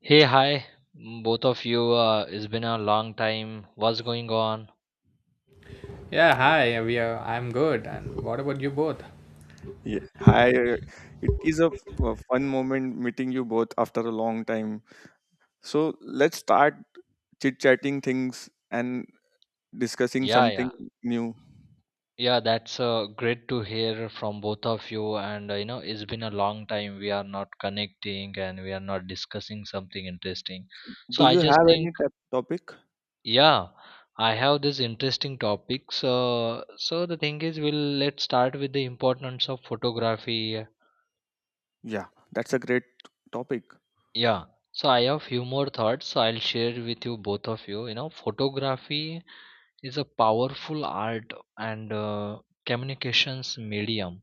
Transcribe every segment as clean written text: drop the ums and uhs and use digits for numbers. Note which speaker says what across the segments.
Speaker 1: Hey, hi, both of you. It's been a long time. What's going on?
Speaker 2: Yeah, hi. We are. I'm good. And what about you both?
Speaker 3: Yeah, hi. It is a, a fun moment meeting you both after a long time. So let's start chit chatting things and discussing
Speaker 1: Yeah, yeah,
Speaker 3: something new.
Speaker 1: yeah. That's great to hear from both of you. And you know, it's been a long time. We are not connecting and we are not discussing something interesting. So
Speaker 3: Do
Speaker 1: I
Speaker 3: you
Speaker 1: just
Speaker 3: have
Speaker 1: think,
Speaker 3: any topic?
Speaker 1: yeah, I have this interesting topic. So the thing is, we'll let's start with the importance of photography.
Speaker 3: Yeah, that's a great topic.
Speaker 1: Yeah. So I have few more thoughts. So I'll share with you both of you. You know, photography is a powerful art and communications medium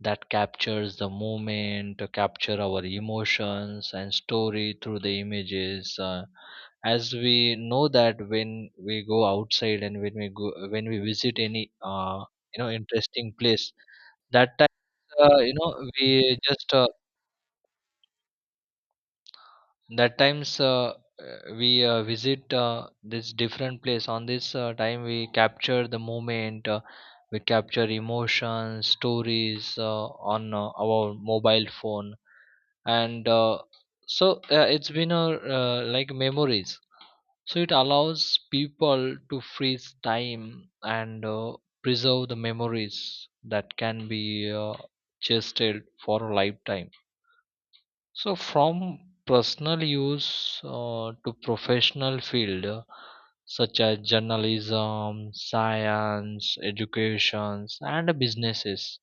Speaker 1: that captures the moment, capture our emotions and story through the images. As we know that when we go outside and when we visit any you know interesting place, that time uh, you know we just that times we visit this different place on this time we capture the moment, we capture emotions stories on our mobile phone and so it's been a like memories, so it allows people to freeze time and preserve the memories that can be chested for a lifetime. So from personal use to professional field, such as journalism, science, educations, and businesses,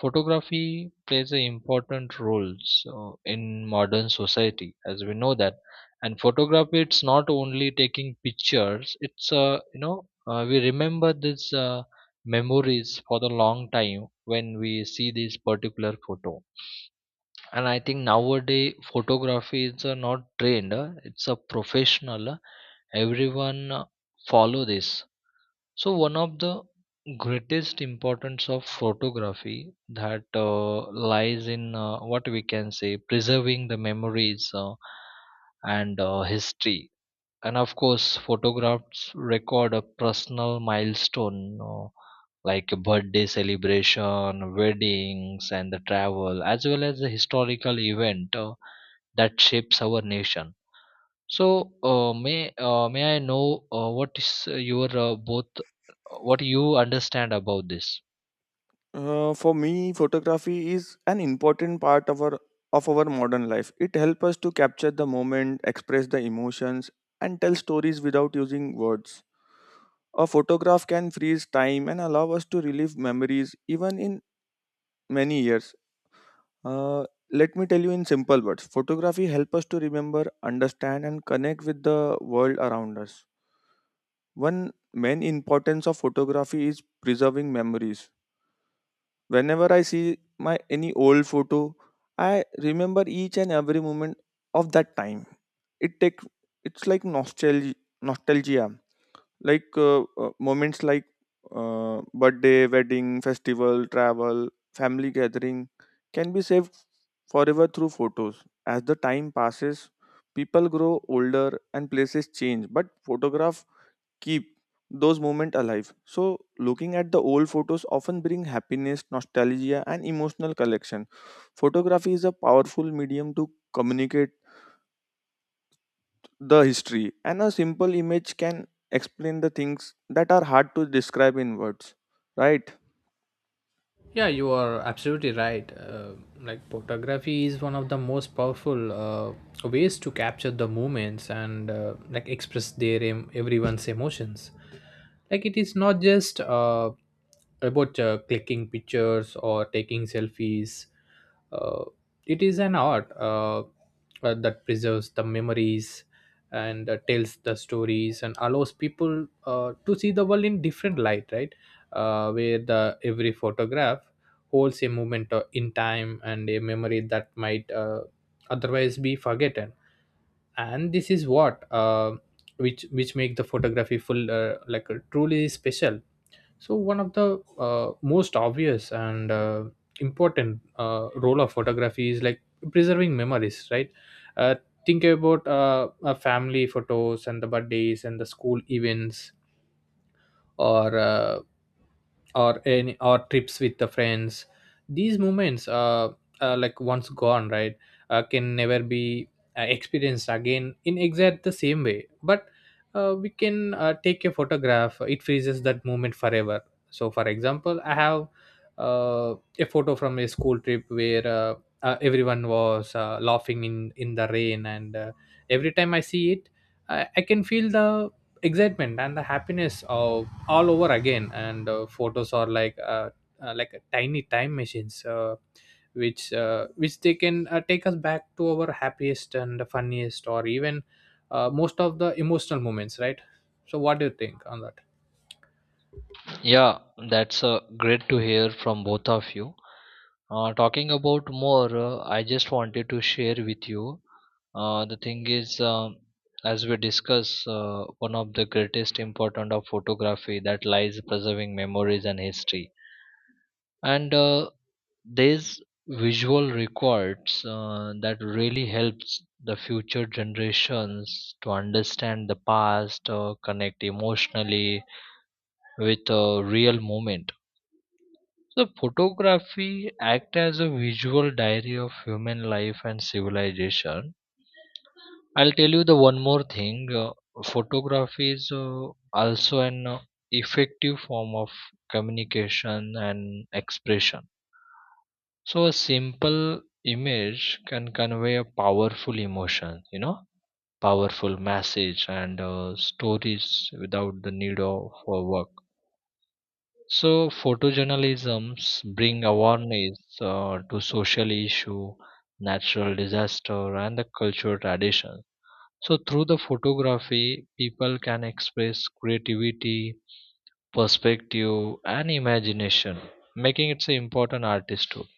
Speaker 1: photography plays an important role, so in modern society, as we know that. And photography, it's not only taking pictures; it's you know, we remember these memories for the long time when we see this particular photo. And I think nowadays photography is not trained, it's a professional. Everyone follow this. So one of the greatest importance of photography that lies in what we can say preserving the memories and history. And of course photographs record a personal milestone, no? Like a birthday celebration, weddings, and the travel, as well as the historical event that shapes our nation. So may I know what is your both, what you understand about this?
Speaker 3: For me, photography is an important part of our modern life. It helps us to capture the moment, express the emotions, and tell stories without using words. A photograph can freeze time and allow us to relive memories even in many years. Uh, Let me tell you in simple words, photography helps us to remember, understand, and connect with the world around us. One main importance of photography is preserving memories. Whenever I see my any old photo, I remember each and every moment of that time. It takes it's like nostalgia, nostalgia like moments like birthday, wedding, festival, travel, family gathering can be saved forever through photos. As the time passes, people grow older and places change, but photographs keep those moments alive. So looking at the old photos often bring happiness, nostalgia, and emotional collection. Photography is a powerful medium to communicate the history, and a simple image can explain the things that are hard to describe in words, right?
Speaker 2: Yeah, you are absolutely right. Like photography is one of the most powerful ways to capture the moments and like express their everyone's emotions. Like it is not just about clicking pictures or taking selfies. Uh, it is an art that preserves the memories and tells the stories and allows people to see the world in different light, right? Where the every photograph holds a moment in time and a memory that might otherwise be forgotten, and this is what which make the photography full like truly special. So one of the most obvious and important role of photography is like preserving memories, right? uh, think about family photos and the birthdays and the school events or uh, or trips with the friends. These moments like once gone, right? Can never be experienced again in exact the same way, but we can take a photograph. It freezes that moment forever. So for example, I have uh, a photo from a school trip where everyone was laughing in the rain, and every time I see it, I can feel the excitement and the happiness of all over again. And photos are like a tiny time machines, which which they can take us back to our happiest and funniest or even most of the emotional moments, right? So what do you think on that?
Speaker 1: Yeah, that's great to hear from both of you. Talking about more, I just wanted to share with you. The thing is, as we discuss, one of the greatest importance of photography that lies preserving memories and history. And these visual records that really helps the future generations to understand the past, connect emotionally with a real moment. The photography act as a visual diary of human life and civilization. I'll tell you the one more thing. Photography is also an effective form of communication and expression. So a simple image can convey a powerful emotion, powerful message and stories without the need of work. So photojournalisms bring awareness to social issue, natural disaster, and the cultural tradition. So through the photography, people can express creativity, perspective, and imagination, making it an important artist tool.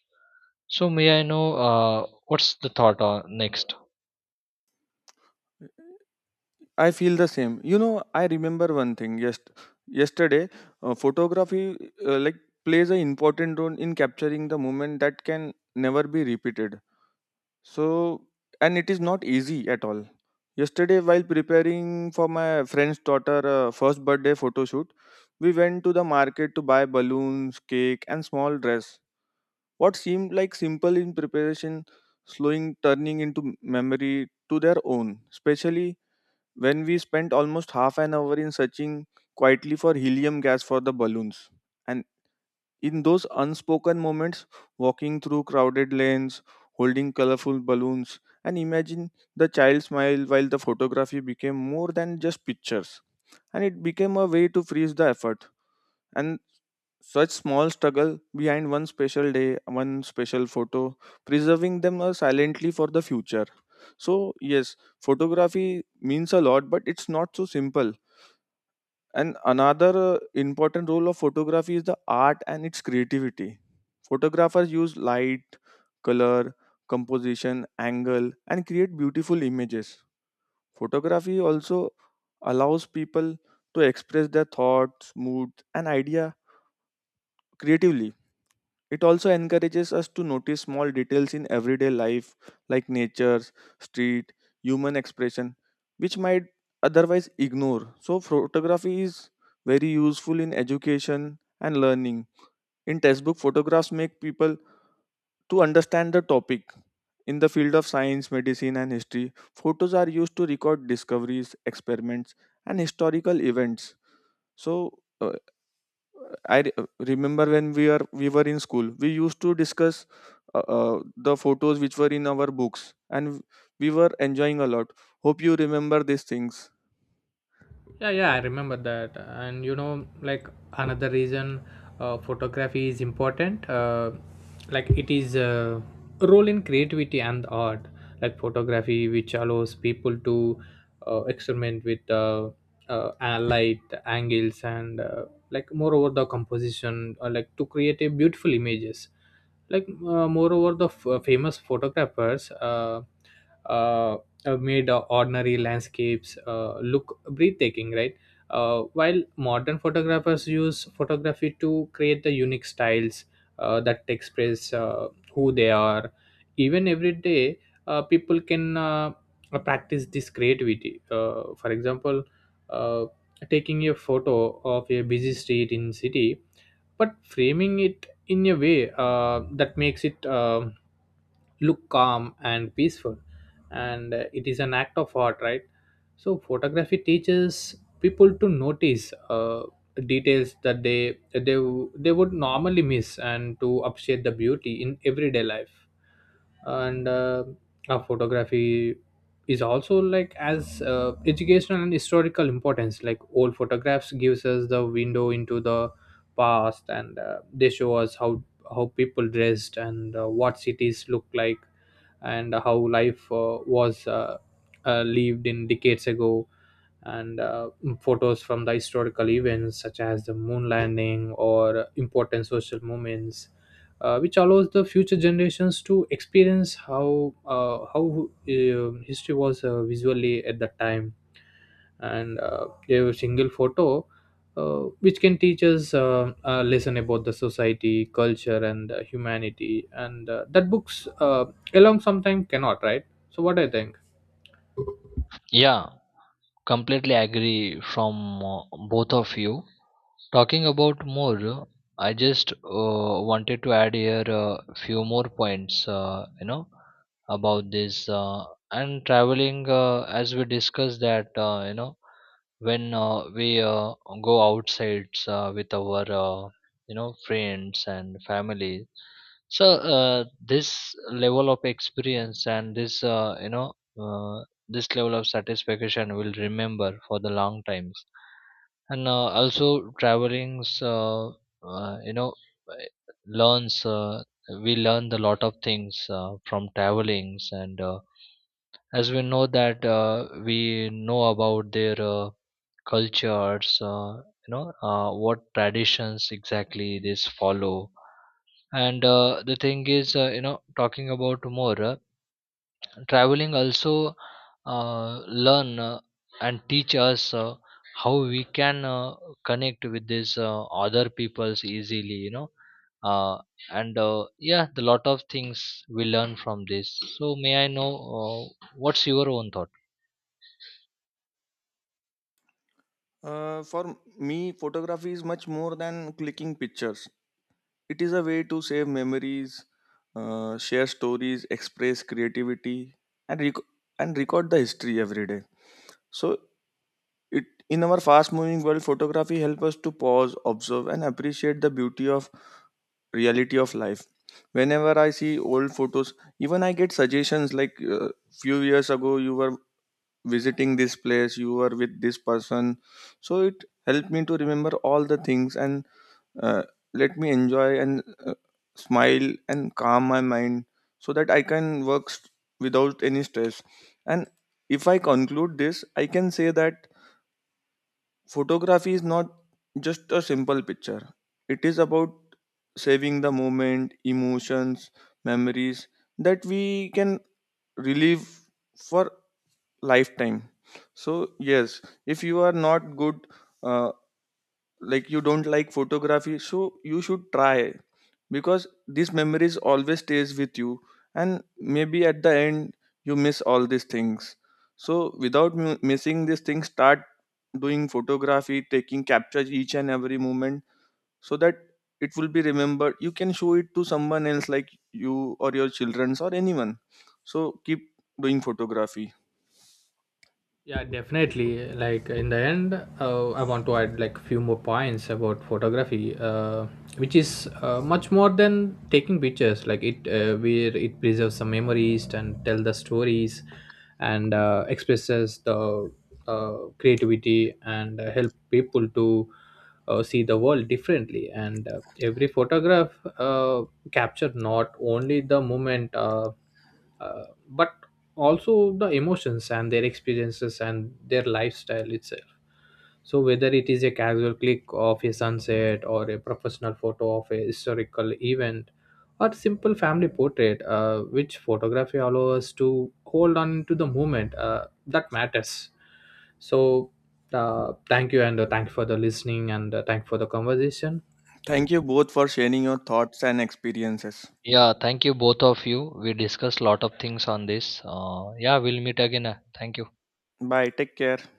Speaker 1: So may I know what's the thought on next?
Speaker 3: I feel the same. You know, I remember one thing. Yes, yesterday, photography like plays an important role in capturing the moment that can never be repeated. So, and it is not easy at all. Yesterday, while preparing for my friend's daughter' first birthday photo shoot, we went to the market to buy balloons, cake, and small dress. What seemed like simple in preparation, slowing turning into memory to their own, especially when we spent almost half an hour in searching quietly for helium gas for the balloons. And in those unspoken moments, walking through crowded lanes, holding colorful balloons, and imagine the child smile, while the photography became more than just pictures. And it became a way to freeze the effort. And such small struggle behind one special day, one special photo, preserving them silently for the future. So, yes, photography means a lot, but it's not so simple. And another important role of photography is the art and its creativity. Photographers use light, color, composition, angle, and create beautiful images. Photography also allows people to express their thoughts, moods, and idea creatively. It also encourages us to notice small details in everyday life, like nature, street, human expression, which might otherwise ignore. So, photography is very useful in education and learning. In textbook, photographs make people to understand the topic. In the field of science, medicine, and history, photos are used to record discoveries, experiments, and historical events. So, I re- remember when we were in school, we used to discuss the photos which were in our books, and we were enjoying a lot. Hope you remember these things.
Speaker 2: Yeah, yeah, I remember that. And you know, like another reason photography is important, like it is a role in creativity and art. Like photography, which allows people to experiment with light angles and like moreover the composition, like to create a beautiful images. Like moreover the famous photographers uh, made ordinary landscapes look breathtaking, right? While modern photographers use photography to create the unique styles that express who they are, even every day people can practice this creativity. For example, uh, taking a photo of a busy street in city, but framing it in a way that makes it look calm and peaceful, and it is an act of art, right? So photography teaches people to notice details that they they would normally miss, and to appreciate the beauty in everyday life. And photography is also like as educational and historical importance. Like old photographs gives us the window into the past, and they show us how people dressed and what cities look like, and how life was lived in decades ago. And photos from the historical events such as the moon landing or important social moments, which allows the future generations to experience how history was visually at that time. And a single photo which can teach us a lesson about the society culture and humanity, and that books alone sometimes cannot, right? So what I think.
Speaker 1: Yeah, completely agree from both of you. Talking about more, I just wanted to add here a few more points, you know, about this and traveling. As we discussed that, you know, when we go outside with our you know friends and family. So uh, this level of experience and this uh, this level of satisfaction will remember for the long times. And also travelings, you know, uh, learns, we learn a lot of things from travelings. And as we know that we know about their cultures, you know, what traditions exactly this follow. And the thing is, you know, talking about more, traveling also learn and teach us how we can connect with these other peoples easily, you know. uh, and yeah, the lot of things we learn from this. So may I know what's your own thought?
Speaker 3: For me, photography is much more than clicking pictures. It is a way to save memories, share stories, express creativity, and rec- and record the history every day. So it in our fast moving world, photography helps us to pause, observe, and appreciate the beauty of reality of life. Whenever I see old photos, even I get suggestions like, few years ago you were visiting this place, you were with this person. So it helped me to remember all the things, and uh, let me enjoy and smile and calm my mind so that I can without any stress. And if I conclude this, I can say that photography is not just a simple picture, it is about saving the moment, emotions, memories that we can relive for lifetime. So, yes, if you are not good. Uh, like, you don't like photography, so you should try because these memories always stays with you, and maybe at the end you miss all these things. So without missing these things, start doing photography, taking captures each and every moment, so that it will be remembered. You can show it to someone else like you, or your childrens, or anyone. So keep doing photography.
Speaker 2: Yeah, definitely. Like in the end, I want to add like few more points about photography, which is much more than taking pictures. Like it where it preserves some memories and tell the stories, and expresses the uh, creativity, and help people to see the world differently. And every photograph uh, capture not only the moment, but also the emotions and their experiences and their lifestyle itself. So whether it is a casual click of a sunset or a professional photo of a historical event or simple family portrait, which photography allows us to hold on to the moment that matters. So thank you, and thank you for the listening, and thank you for the conversation.
Speaker 3: Thank you both for sharing your thoughts and experiences.
Speaker 1: Yeah, thank you both of you. We discussed lot of things on this. Yeah, we'll meet again. Thank you.
Speaker 3: Bye, take care.